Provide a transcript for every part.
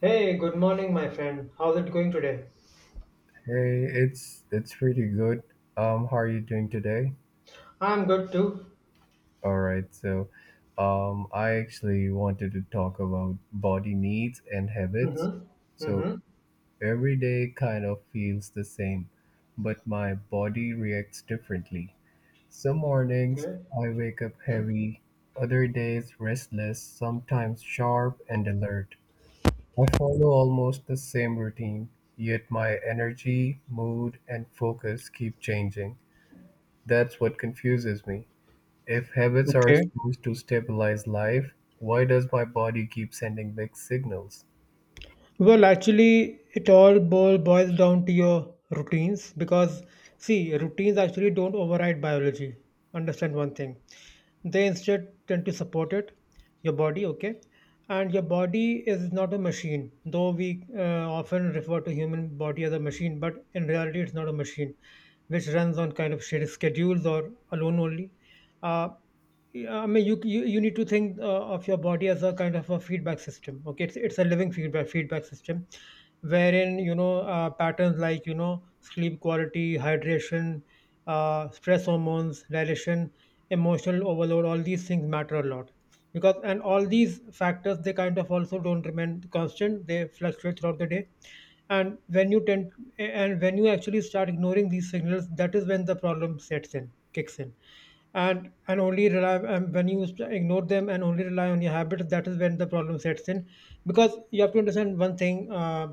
Hey, good morning, my friend. How's it going today? Hey, it's pretty good. How are you doing today? I'm good too. All right, so I actually wanted to talk about body needs and habits. Mm-hmm. So Mm-hmm. every day kind of feels the same, but my body reacts differently. Some mornings Okay. I wake up heavy, other days restless, sometimes sharp and alert. I follow almost the same routine, yet my energy, mood, and focus keep changing. That's what confuses me. If habits are Okay. supposed to stabilize life, why does my body keep sending mixed signals? Well, actually, it all boils down to your routines because, see, routines actually don't override biology. Understand one thing. They instead tend to support it, your body, okay? And your body is not a machine, though we often refer to human body as a machine, but in reality, it's not a machine which runs on kind of shared schedules or alone only. Uh, yeah, I mean, you need to think of your body as a kind of a feedback system. Okay, it's a living feedback system, wherein you know patterns like you know sleep quality, hydration, stress hormones, dilation, emotional overload, all these things matter a lot because and all these factors they kind of also don't remain constant. They fluctuate throughout the day, and when you tend and when you actually start ignoring these signals, that is when the problem sets in, kicks in and only rely and when you ignore them and only rely on your habits that is when the problem sets in because you have to understand one thing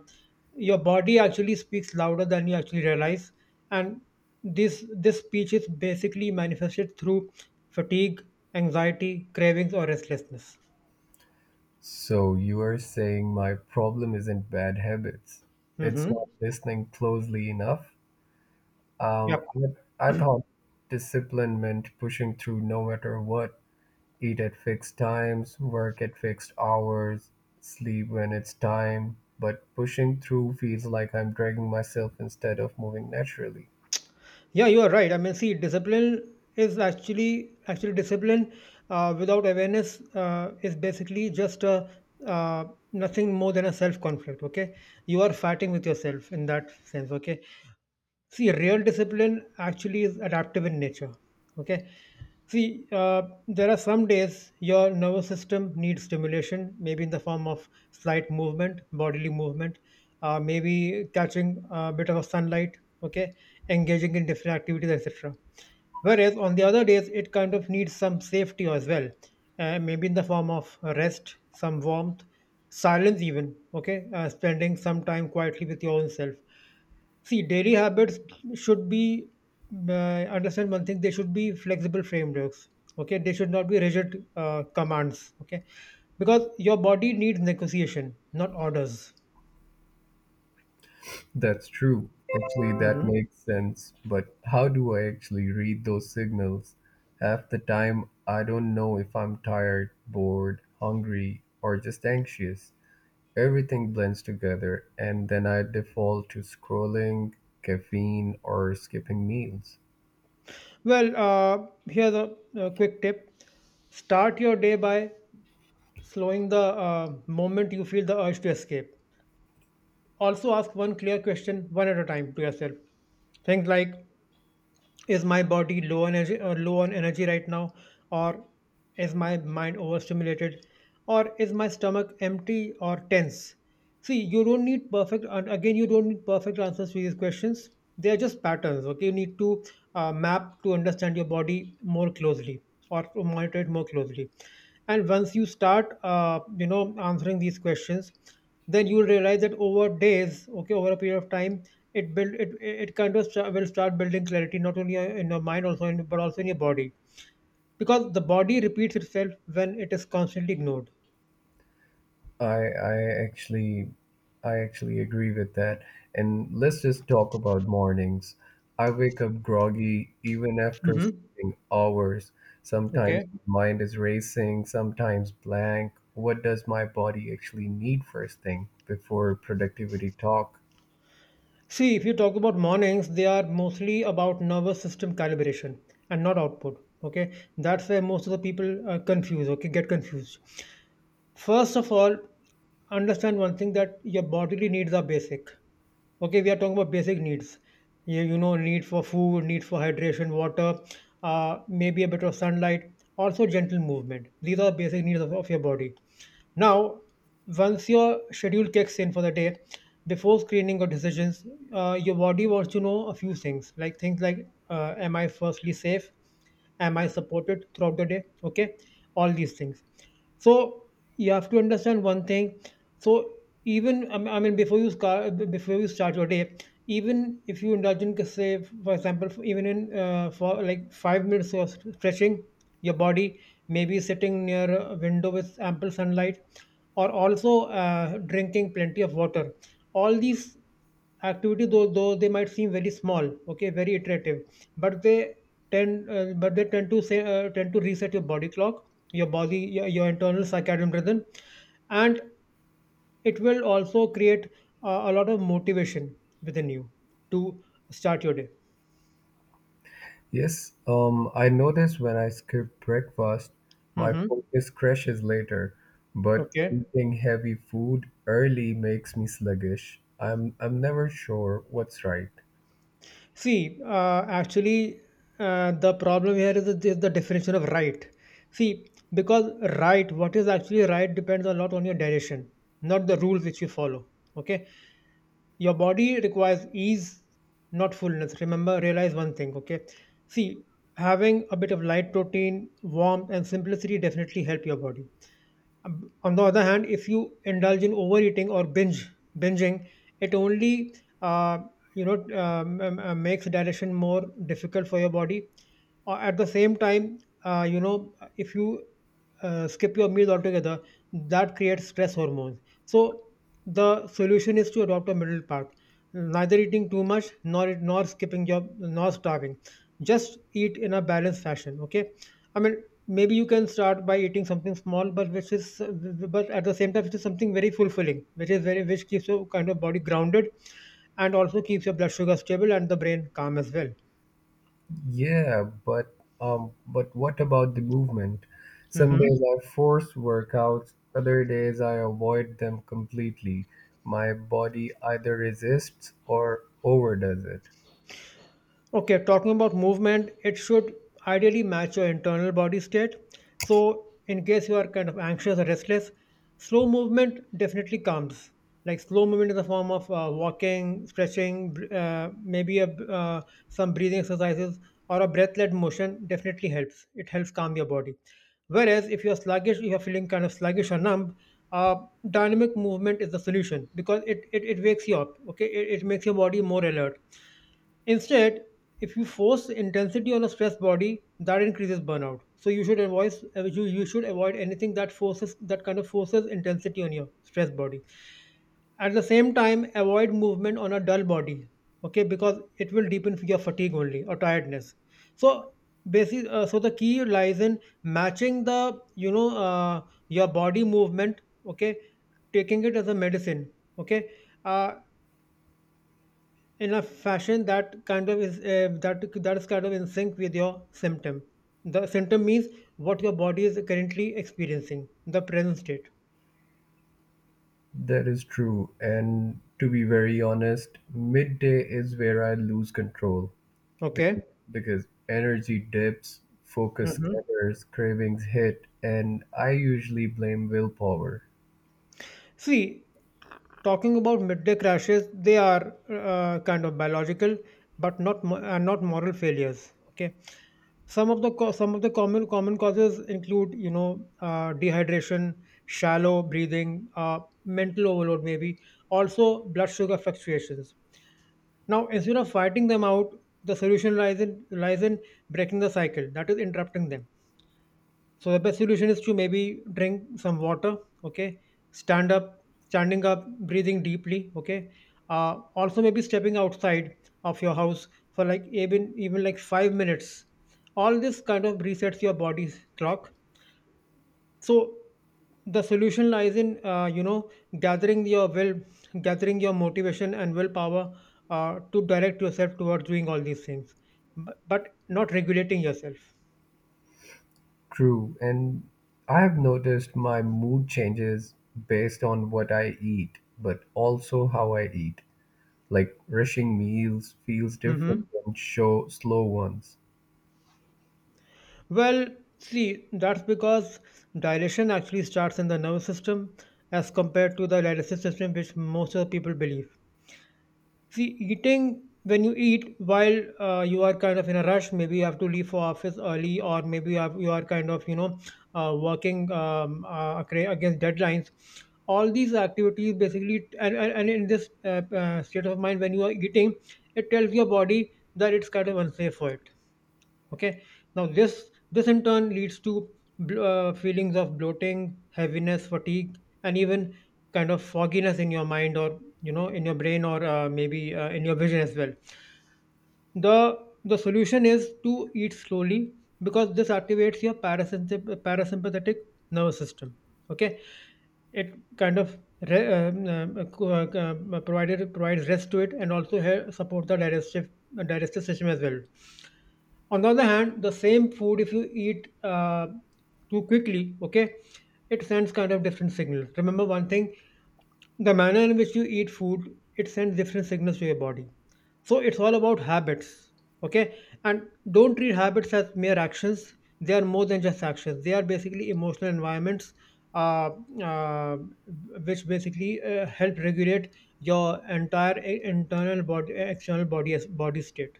your body actually speaks louder than you actually realize and this speech is basically manifested through fatigue, anxiety, cravings, or restlessness. So you are saying my problem isn't bad habits. It's Mm-hmm. not listening closely enough. Um, Yep. I thought discipline meant pushing through no matter what. Eat at fixed times, work at fixed hours, sleep when it's time. But pushing through feels like I'm dragging myself instead of moving naturally. Yeah, you are right. I mean, see, discipline is actually discipline without awareness is basically uh, nothing more than a self conflict. Okay, you are fighting with yourself in that sense. Okay, see, real discipline actually is adaptive in nature. Okay, see, there are some days your nervous system needs stimulation, maybe in the form of slight movement, bodily movement, maybe catching a bit of sunlight, okay, engaging in different activities, etc. Whereas on the other days, it kind of needs some safety as well, maybe in the form of rest, some warmth, silence, even, okay, spending some time quietly with your own self. See, daily habits should be, uh, understand one thing, they should be flexible frameworks. Okay. They should not be rigid commands. Okay. Because your body needs negotiation, not orders. That's true. Actually, that Hmm. makes sense. But how do I actually read those signals? Half the time, I don't know if I'm tired, bored, hungry, or just anxious. Everything blends together, and then I default to scrolling, caffeine, or skipping meals. Well, here's a quick tip. Start your day by slowing the moment you feel the urge to escape. Also, ask one clear question one at a time to yourself. Things like, is my body low energy, low on energy right now, or is my mind overstimulated, or is my stomach empty or tense? See, you don't need perfect, and again, you don't need perfect answers to these questions. They are just patterns. Okay, you need to map to understand your body more closely or to monitor it more closely. And once you start you know answering these questions, then you'll realize that over days, okay, over a period of time, it build it it kind of will start building clarity, not only in your mind also in, but also in your body, because the body repeats itself when it is constantly ignored. I I actually I actually agree with that. And let's just talk about mornings. I wake up groggy even after Hmm. sleeping hours. Sometimes Okay, my mind is racing, sometimes blank. What does my body actually need first thing before productivity talk? see, if you talk about mornings, they are mostly about nervous system calibration and not output. Okay, that's where most of the people confuse, okay, get confused. First of all, understand one thing that your bodily needs are basic. Okay, we are talking about basic needs. You know, need for food, need for hydration, water, maybe a bit of sunlight, also gentle movement. These are basic needs of your body. Now, once your schedule kicks in for the day, before screening or decisions, your body wants to know a few things like, am I firstly safe? Am I supported throughout the day? Okay, all these things. So you have to understand one thing. So even before you before you start your day, even if you indulge in, say, for example, even in for like 5 minutes of stretching your body, maybe sitting near a window with ample sunlight, or also drinking plenty of water. All these activity, though they might seem very small, okay, very iterative, but they tend to say tend to reset your body clock, your body, your internal circadian rhythm, and it will also create a lot of motivation within you to start your day. Yes, I notice when I skip breakfast, my Hmm. focus crashes later, but Okay. eating heavy food early makes me sluggish. I'm never sure what's right. See, actually, the problem here is, is the definition of right. See, because right, what is actually right depends a lot on your direction, not the rules which you follow. Okay. Your body requires ease, not fullness. Remember, realize one thing. Okay. See, having a bit of light protein, warmth, and simplicity definitely help your body. On the other hand, if you indulge in overeating or binge binging it only uh, makes digestion more difficult for your body. At the same time, you know, if you skip your meals altogether, that creates stress hormones. So the solution is to adopt a middle path, neither eating too much, nor nor skipping your nor starving. Just eat in a balanced fashion. Okay, I mean, maybe you can start by eating something small, but which is but at the same time it is something very fulfilling, which is very, which keeps your kind of body grounded and also keeps your blood sugar stable and the brain calm as well. Yeah, but but what about the movement? Some Hmm. days I force workouts, other days I avoid them completely. My body either resists or overdoes it. Okay, talking about movement, it should ideally match your internal body state. So, in case you are kind of anxious or restless, slow movement definitely comes. Like slow movement in the form of walking, stretching, some breathing exercises or a breath-led motion definitely helps. It helps calm your body. Whereas if you're sluggish, if you're feeling kind of sluggish or numb, uh, dynamic movement is the solution because it wakes you up. Okay, it makes your body more alert. Instead, if you force intensity on a stressed body, that increases burnout. So you should avoid you should avoid anything that forces, that kind of forces intensity on your stressed body. At the same time, avoid movement on a dull body. Okay, because it will deepen your fatigue only or tiredness. So basically, so the key lies in matching the you know your body movement. Okay, taking it as a medicine. Okay, uh, in a fashion that kind of is that is kind of in sync with your symptom. The symptom means what your body is currently experiencing, the present state. That is true. And to be very honest, midday is where I lose control because, Okay. because energy dips, focus Hmm. scatters, cravings hit, and I usually blame willpower. See, talking about midday crashes, they are kind of biological but not moral failures. Okay, some of the common causes include you know dehydration, shallow breathing, mental overload, maybe also blood sugar fluctuations. Now, instead of fighting them out, the solution lies in breaking the cycle, that is interrupting them. So the best solution is to maybe drink some water, okay, standing up, breathing deeply, okay. Also maybe stepping outside of your house for like even even like 5 minutes. All this kind of resets your body's clock. So the solution lies in you know gathering your will, gathering your motivation and willpower to direct yourself towards doing all these things, but not regulating yourself. True. And I've noticed my mood changes based on what I eat, but also how I eat. Like rushing meals feels different Hmm. than show slow ones. Well, see, that's because dilation actually starts in the nervous system as compared to the dialysis system, which most of the people believe. See, eating when you eat while you are kind of in a rush, maybe you have to leave for office early, or maybe you are kind of you know working against deadlines. All these activities basically, and in this state of mind, when you are eating, it tells your body that it's kind of unsafe for it. Okay, now this in turn leads to feelings of bloating, heaviness, fatigue, and even kind of fogginess in your mind, or in your brain, or maybe in your vision as well. The the solution is to eat slowly, because this activates your parasympathetic nervous system. Okay, it kind of re- co- provided provides rest to it and also help support the digestive system as well. On the other hand, the same food, if you eat too quickly, okay, it sends kind of different signals. Remember one thing: the manner in which you eat food, it sends different signals to your body. So it's all about habits. Okay, and don't treat habits as mere actions. They are more than just actions. They are basically emotional environments, uh, uh, which basically help regulate your entire internal body, external body, as body state.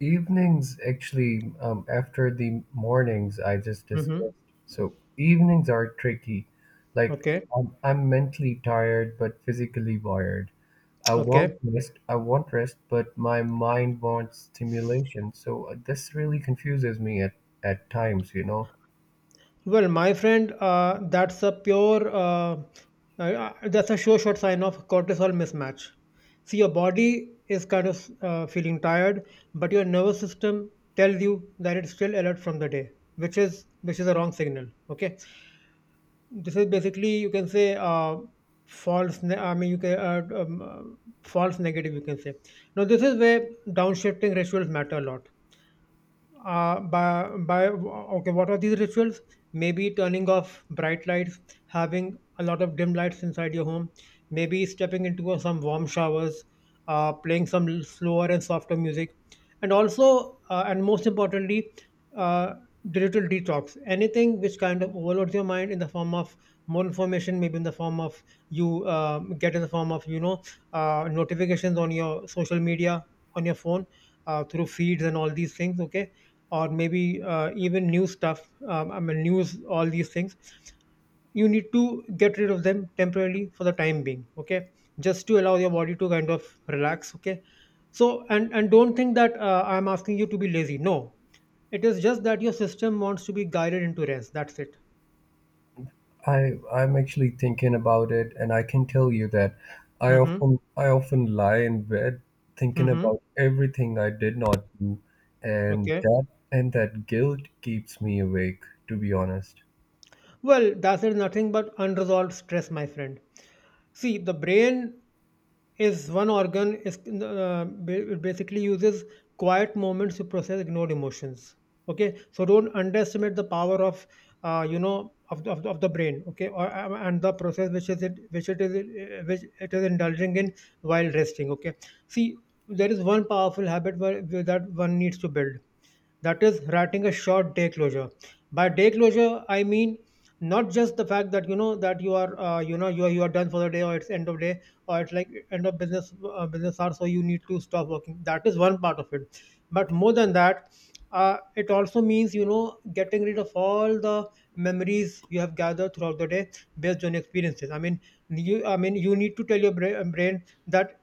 Evenings, actually, after the mornings I just Hmm. discussed. So evenings are tricky. Like Okay. I'm mentally tired but physically wired. I want Okay, rest. I want rest, but my mind wants stimulation. So this really confuses me at times, you know. well, my friend, that's a pure, that's a sure shot sign of cortisol mismatch. See, your body is kind of feeling tired, but your nervous system tells you that it's still alert from the day, which is a wrong signal. Okay, this is basically, you can say, false. I mean, you can false negative, you can say. Now, this is where downshifting rituals matter a lot. By Okay, what are these rituals? Maybe turning off bright lights, having a lot of dim lights inside your home, maybe stepping into some warm showers, playing some slower and softer music, and also, and most importantly, uh, digital detox. Anything which kind of overloads your mind in the form of more information, maybe in the form of you get in the form of, notifications on your social media, on your phone, through feeds, and all these things. Okay, or maybe even new stuff, I mean, news, all these things, you need to get rid of them temporarily for the time being. Okay, just to allow your body to kind of relax. Okay, so and don't think that I'm asking you to be lazy. No, it is just that your system wants to be guided into rest, that's it. I I'm actually thinking about it, and I can tell you that I Mm-hmm. often I often lie in bed thinking Mm-hmm. about everything I did not do, and Okay, that and that guilt keeps me awake, to be honest. well, that is nothing but unresolved stress, my friend. See, the brain is one organ. It basically uses quiet moments to process ignored emotions. Okay, so don't underestimate the power of, of the brain. Okay, and the process which is it which it is, which it is indulging in while resting. Okay, see, there is one powerful habit where that one needs to build. That is writing a short day closure. By day closure, I mean, not just the fact that, you know, that you are, you are, you are done for the day, or it's end of day, or it's like end of business, business hours, so you need to stop working. That is one part of it. But more than that, it also means, you know, getting rid of all the memories you have gathered throughout the day, based on experiences. I mean, you need to tell your brain that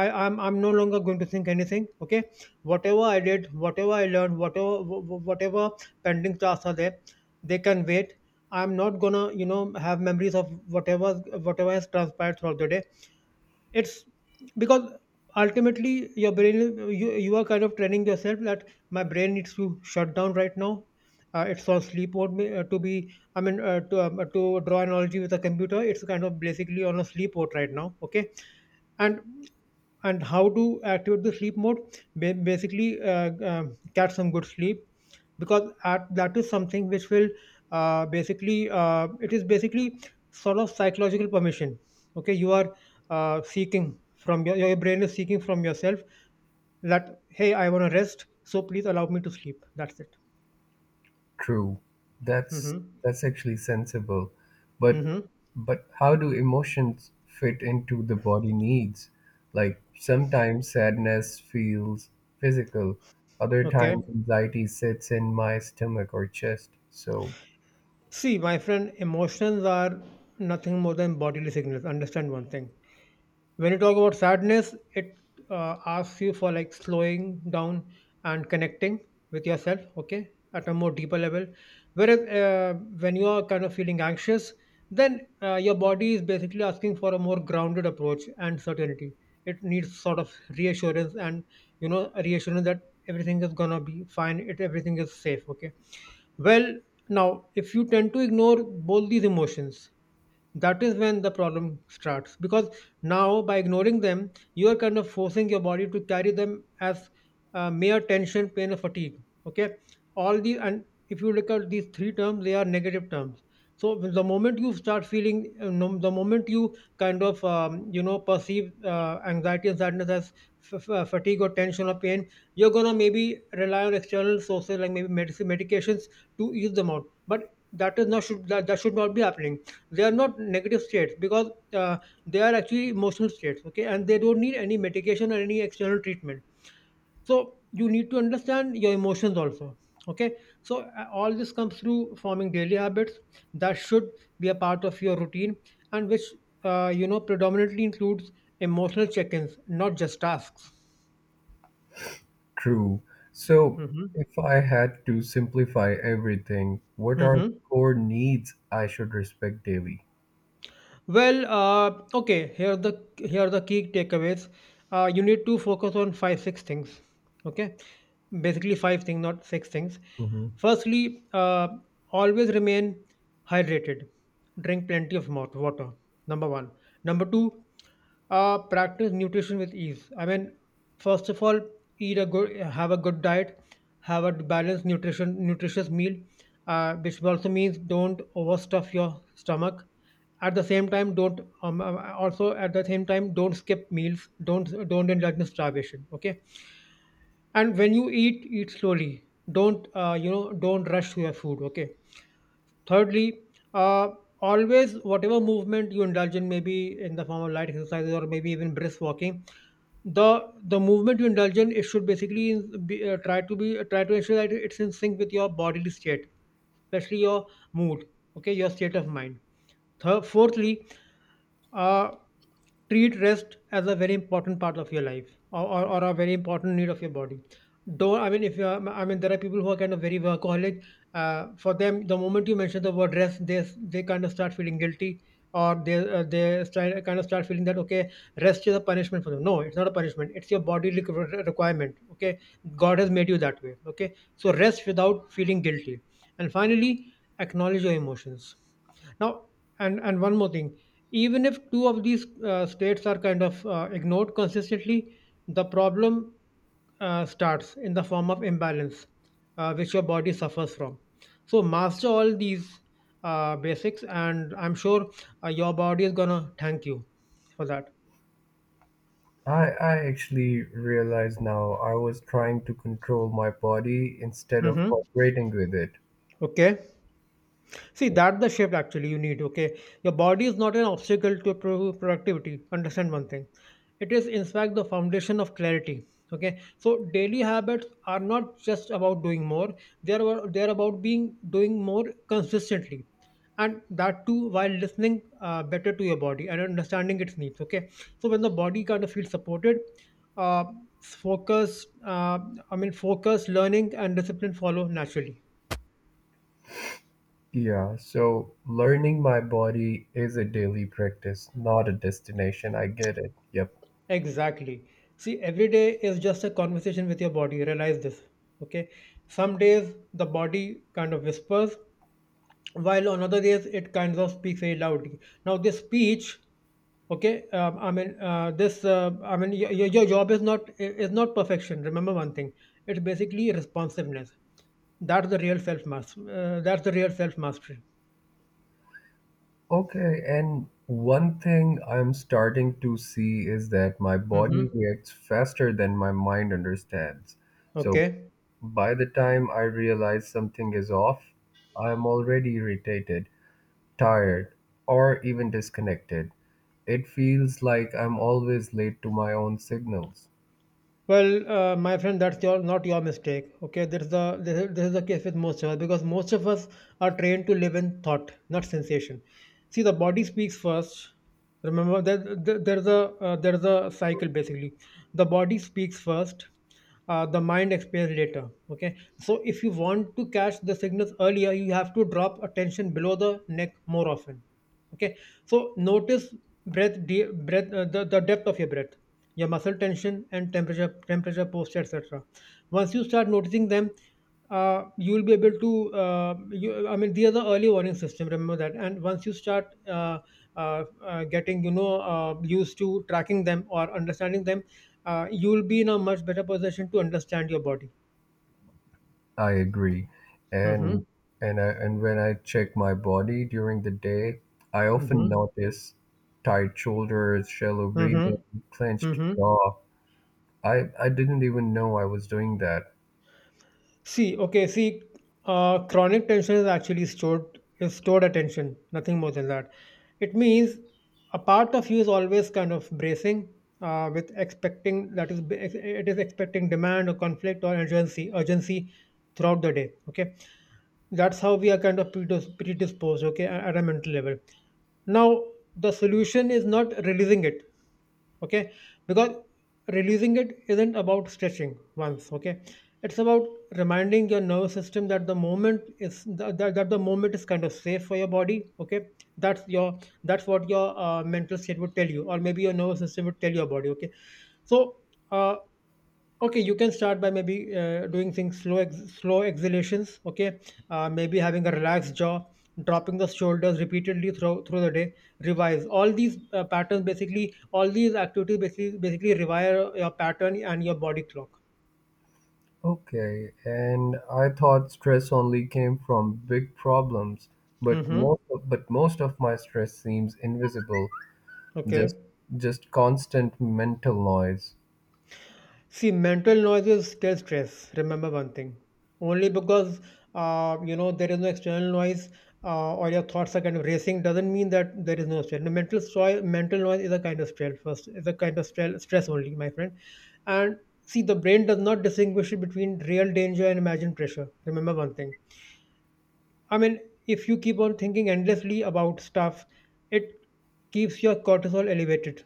I am I'm no longer going to think anything. Okay, whatever I did, whatever I learned, whatever pending tasks are there, they can wait. I'm not gonna, you know, have memories of whatever has transpired throughout the day. It's because ultimately your brain, you are kind of training yourself that my brain needs to shut down right now. It's all sleep mode. Me- to be. I mean, to draw analogy with a computer, it's kind of basically on a sleep mode right now. Okay, and and how to activate the sleep mode? Basically, get some good sleep, because that is something which will basically it is basically sort of psychological permission. Okay, you are seeking from your brain is seeking from yourself, that hey, I want to rest, so please allow me to sleep, that's it. True. That's Hmm. that's actually sensible. But Hmm. but how do emotions fit into the body needs? Like sometimes sadness feels physical, other Okay, times anxiety sits in my stomach or chest. So see my friend, emotions are nothing more than bodily signals. Understand one thing: when you talk about sadness, it asks you for like slowing down and connecting with yourself. Okay, at a more deeper level. Whereas, when you are kind of feeling anxious, then your body is basically asking for a more grounded approach and certainty. It needs sort of reassurance, and, you know, reassurance that everything is gonna be fine, it everything is safe. Okay, well, now if you tend to ignore both these emotions, that is when the problem starts, because now by ignoring them, you are kind of forcing your body to carry them as mere tension, pain, or fatigue. Okay, all the and if you look at these three terms, they are negative terms. So the moment you start feeling, the moment you kind of, perceive anxiety and sadness as fatigue or tension or pain, you're gonna maybe rely on external sources, like maybe medicine, medications, to ease them out. But that is not should that should not be happening. They are not negative states, because they are actually emotional states. Okay, and they don't need any medication or any external treatment. So you need to understand your emotions also. Okay, so all this comes through forming daily habits that should be a part of your routine, and which predominantly includes emotional check-ins, not just tasks. true. So, Mm-hmm. if I had to simplify everything, what are the Mm-hmm. core needs I should respect daily? Well, okay, here are the key takeaways. You need to focus on five six things. Okay, basically five things, not six things. Mhm. Firstly, always remain hydrated. Drink plenty of mouth water. Number one. Number two, practice nutrition with ease. I mean, first of all, have a good diet, have a balanced nutritious meal, which also means don't overstuff your stomach. At the same time, don't also at the same time don't skip meals, don't indulge in starvation. Okay, and when you eat, eat slowly. Don't, don't rush through your food. Okay, thirdly, uh, always, whatever movement you indulge in, maybe in the form of light exercises or maybe even brisk walking, the movement you indulge in, it should basically be, try to ensure that it's in sync with your bodily state, especially your mood, okay, your state of mind. Fourthly, uh, treat rest as a very important part of your life, or a very important need of your body. Don't I mean If you are, I mean, there are people who are kind of very workaholic. For them, the moment you mention the word rest, they kind of start feeling guilty, or they, kind of start feeling that, okay, rest is a punishment for them. No, it's not a punishment. It's your body requirement. Okay, God has made you that way. Okay, so rest without feeling guilty. And finally, acknowledge your emotions. Now, and one more thing: even if two of these states are kind of ignored consistently, the problem starts in the form of imbalance, which your body suffers from. So, master all these basics, and I'm sure your body is gonna thank you for that. I actually realize now I was trying to control my body instead of Mm-hmm. cooperating with it. Okay. See, that the shift actually you need, okay? Your body is not an obstacle to productivity. Understand one thing. It is, in fact, the foundation of clarity, okay? So, daily habits are not just about doing more. They are, they are about being doing more consistently. And that too, while listening better to your body and understanding its needs, okay? So, when the body kind of feels supported, uh, focus, uh, I mean, focus, learning, and discipline follow naturally. Yeah, so learning my body is a daily practice, not a destination. I get it. Yep. Exactly. See, every day is just a conversation with your body. Realize this. Okay. Some days the body kind of whispers, while on other days it kind of speaks very loudly. Now, this speech, okay, I mean, this, I mean, your job is not perfection. Remember one thing: it's basically responsiveness. That's the real self master. That's the real self mastery. Okay, and one thing I'm starting to see is that my body Mm-hmm. reacts faster than my mind understands. So Okay. by the time I realize something is off, I'm already irritated, tired, or even disconnected. It feels like I'm always late to my own signals. Well, my friend, that's your not your mistake. Okay, this is this is the case with most of us, because most of us are trained to live in thought, not sensation. See, the body speaks first. Remember that. There's a there's a cycle basically. The body speaks first. The mind expands later. Okay, so if you want to catch the signals earlier, you have to drop attention below the neck more often. Okay, so notice breath, the depth of your breath, your muscle tension, and temperature, posture, etc. Once you start noticing them, you will be able to, you, I mean these are the early warning system, remember that. And once you start, uh, getting, used to tracking them or understanding them, you will be in a much better position to understand your body. I agree. Mm-hmm. And and when I check my body during the day, I often Mm-hmm. notice tight shoulders, shallow breathing, Mm-hmm. clenched Mm-hmm. jaw. I didn't even know I was doing that. See, okay, see, chronic tension is actually stored, is stored attention, nothing more than that. It means a part of you is always kind of bracing, with expecting, that is, it is expecting demand or conflict or urgency, throughout the day. Okay, that's how we are kind of predisposed. Okay, at a mental level. Now the solution is not releasing it, okay, because releasing it isn't about stretching once, okay, it's about reminding your nervous system that the moment is that the moment is kind of safe for your body, okay. That's your that's what your mental state would tell you, or maybe your nervous system would tell your body, okay. so uh, Okay, you can start by maybe doing things slow, slow exhalations. Okay, maybe having a relaxed jaw, dropping the shoulders repeatedly through the day. Revise all these patterns. Basically, all these activities basically rewire your pattern and your body clock. Okay, and I thought stress only came from big problems, but Mm-hmm. Most of my stress seems invisible, Okay. just just constant mental noise. See, mental noise is still stress. Remember one thing. Only because you know there is no external noise, or your thoughts are kind of racing, doesn't mean that there is no stress. The mental stress, mental noise is a kind of stress. First, is a kind of stress, stress only, my friend. And see, the brain does not distinguish between real danger and imagined pressure. Remember one thing. I mean, if you keep on thinking endlessly about stuff, it keeps your cortisol elevated.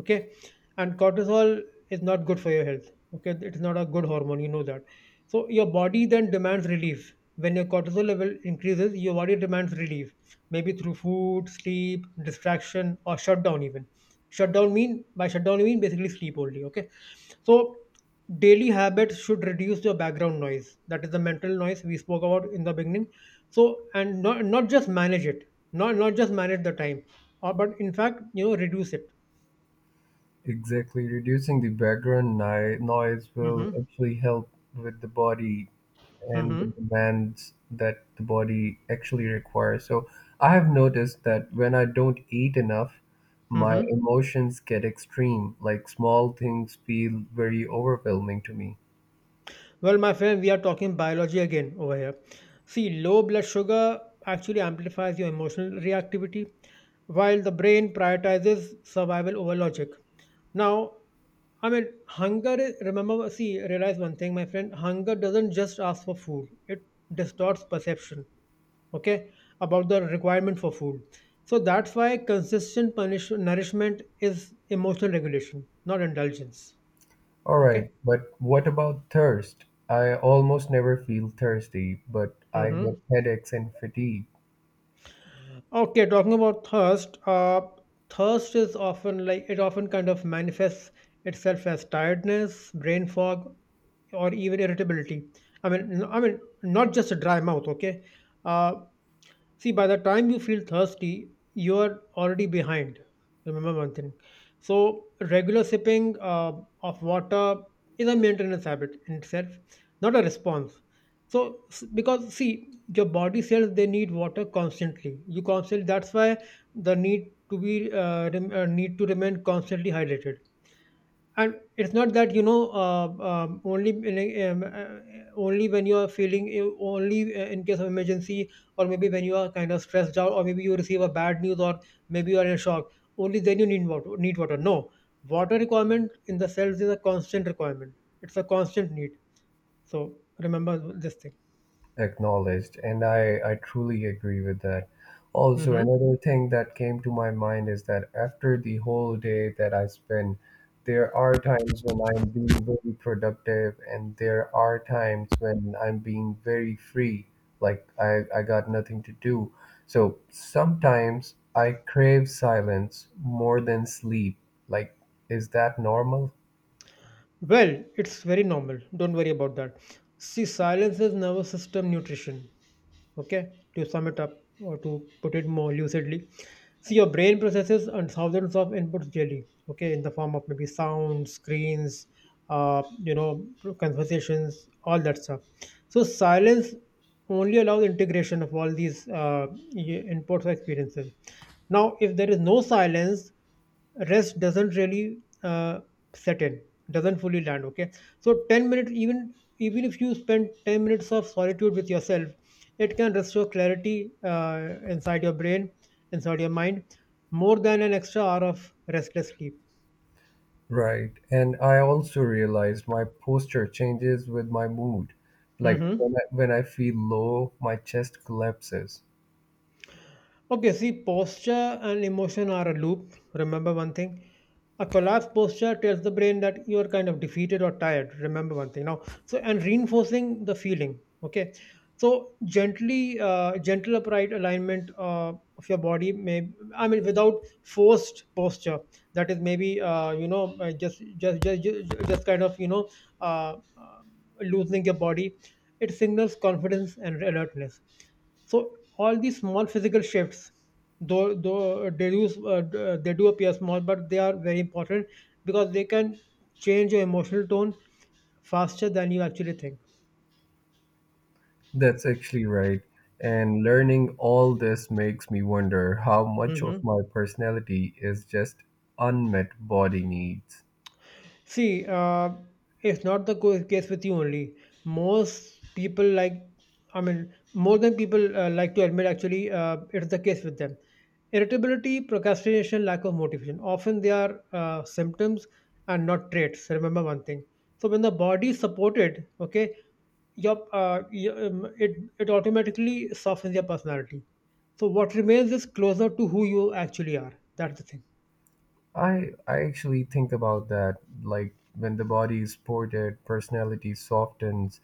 Okay. And cortisol is not good for your health. Okay. It's not a good hormone. You know that. So your body then demands relief. When your cortisol level increases, your body demands relief maybe through food, sleep, distraction, or shutdown even. Shutdown, mean by shutdown you mean basically sleep only. Okay, so daily habits should reduce your background noise. That is the mental noise we spoke about in the beginning. So, and not just manage it, not just manage the time, or but in fact you know reduce it. Exactly. Reducing the background noise will Mm-hmm. actually help with the body and the Mm-hmm. demands that the body actually requires. So I have noticed that when I don't eat enough, my Mm-hmm. emotions get extreme, like small things feel very overwhelming to me. Well, my friend, we are talking biology again over here. See, low blood sugar actually amplifies your emotional reactivity, while the brain prioritizes survival over logic. Now, I mean, hunger is, remember, see, realize one thing, my friend, hunger doesn't just ask for food, it distorts perception, okay, about the requirement for food. So that's why nourishment is emotional regulation, not indulgence, All right, okay? but what about thirst? I almost never feel thirsty, but I get headaches and fatigue. Okay, talking about thirst, thirst is often, like it often kind of manifests itself as tiredness, brain fog, or even irritability. I mean, I mean, not just a dry mouth. Okay, uh, see, by the time you feel thirsty, you are already behind. Remember one thing. So, regular sipping of water is a maintenance habit in itself, not a response. So, because see, your body cells they need water constantly. You constantly. That's why the need to be need to remain constantly hydrated, and it's not that you know only, only when you are feeling only in case of emergency, or maybe when you are kind of stressed out, or maybe you receive a bad news, or maybe you are in a shock, only then you need water, no. Water requirement in the cells is a constant requirement, it's a constant need. So remember this thing. Acknowledged, and I truly agree with that. Also, Hmm. another thing that came to my mind is that after the whole day that I spend, there are times when I'm being very productive and there are times when I'm being very free. Like I got nothing to do, so sometimes I crave silence more than sleep. Like, is that normal? Well, it's very normal. Don't worry about that. See, silence is nervous system nutrition. Okay, to sum it up or to put it more lucidly, see, your brain processes and thousands of inputs daily. Okay, in the form of maybe sounds, screens, you know, conversations, all that stuff. So silence only allows integration of all these inputs or experiences. Now, if there is no silence, rest doesn't really set in, doesn't fully land, okay. So 10 minutes, even even if you spend 10 minutes of solitude with yourself, it can restore clarity uh, inside your brain, inside your mind, more than an extra hour of restless sleep. Right. And I also realized my posture changes with my mood. Like Hmm. when I feel low, my chest collapses. Okay, see, posture and emotion are a loop. Remember one thing. A collapsed posture tells the brain that you are kind of defeated or tired. Remember one thing now. So, and reinforcing the feeling. Okay, so gentle upright alignment of your body may. I mean, without forced posture. That is maybe you know just kind of you know uh, uh, loosening your body. It signals confidence and alertness. So all these small physical shifts, though they do they do appear small, but they are very important because they can change your emotional tone faster than you actually think. That's actually right. And learning all this makes me wonder how much of Hmm. my personality is just unmet body needs. See, it's not the case with you only. Most people, like, I mean, more than people like to admit, actually, it's the case with them. Irritability, procrastination, lack of motivation. Often they are symptoms and not traits. Remember one thing. So when the body is supported, okay, your, uh, your, um, it, it automatically softens your personality. So what remains is closer to who you actually are. That's the thing. I actually think about that. Like when the body is ported, personality softens,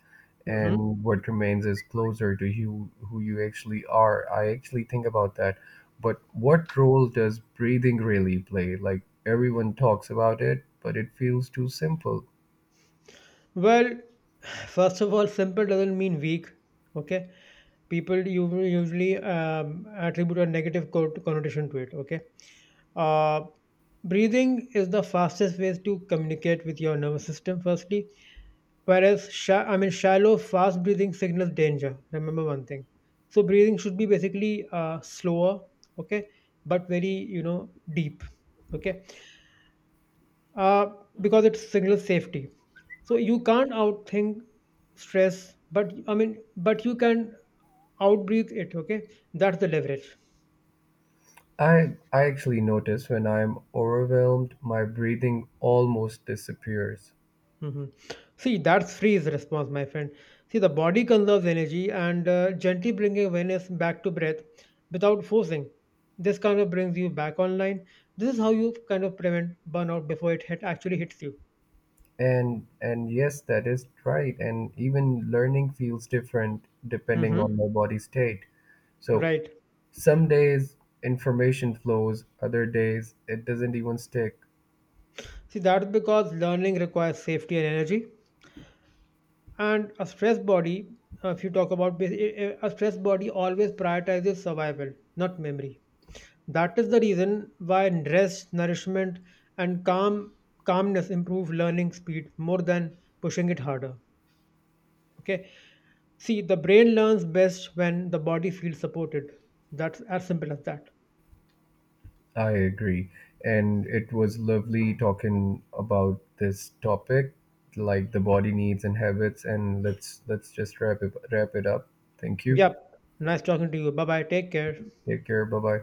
Mhm. and what remains is closer to you who you actually are. I actually think about that. But what role does breathing really play? Like everyone talks about it, but it feels too simple. Well, first of all, simple doesn't mean weak. Okay, people usually attribute a negative connotation to it. Okay, uh, breathing is the fastest way to communicate with your nervous system. Firstly, whereas I mean shallow, fast breathing signals danger. Remember one thing. So breathing should be basically slower. Okay, but very you know deep. Okay, uh, because it's single safety. So you can't outthink stress, but I mean, but you can outbreathe it. Okay, that's the leverage. I actually notice when I'm overwhelmed, my breathing almost disappears. Mhm. See, that's freeze response, my friend. See, the body conserves energy, and gently bringing awareness back to breath without forcing. This kind of brings you back online. This is how you kind of prevent burnout before actually hits you. And yes, that is right. And even learning feels different depending on Hmm. my body state. So Right. some days information flows, other days it doesn't even stick. See, that's because learning requires safety and energy. And a stressed body, if you talk about bas- a stressed body always prioritizes survival, not memory. That is the reason why rest, nourishment, and calmness improve learning speed more than pushing it harder. Okay, see, the brain learns best when the body feels supported. That's as simple as that. I agree. And it was lovely talking about this topic, like the body needs and habits. And let's just wrap it up. Thank you. Yep, nice talking to you. Bye bye, take care. Take care. Bye bye.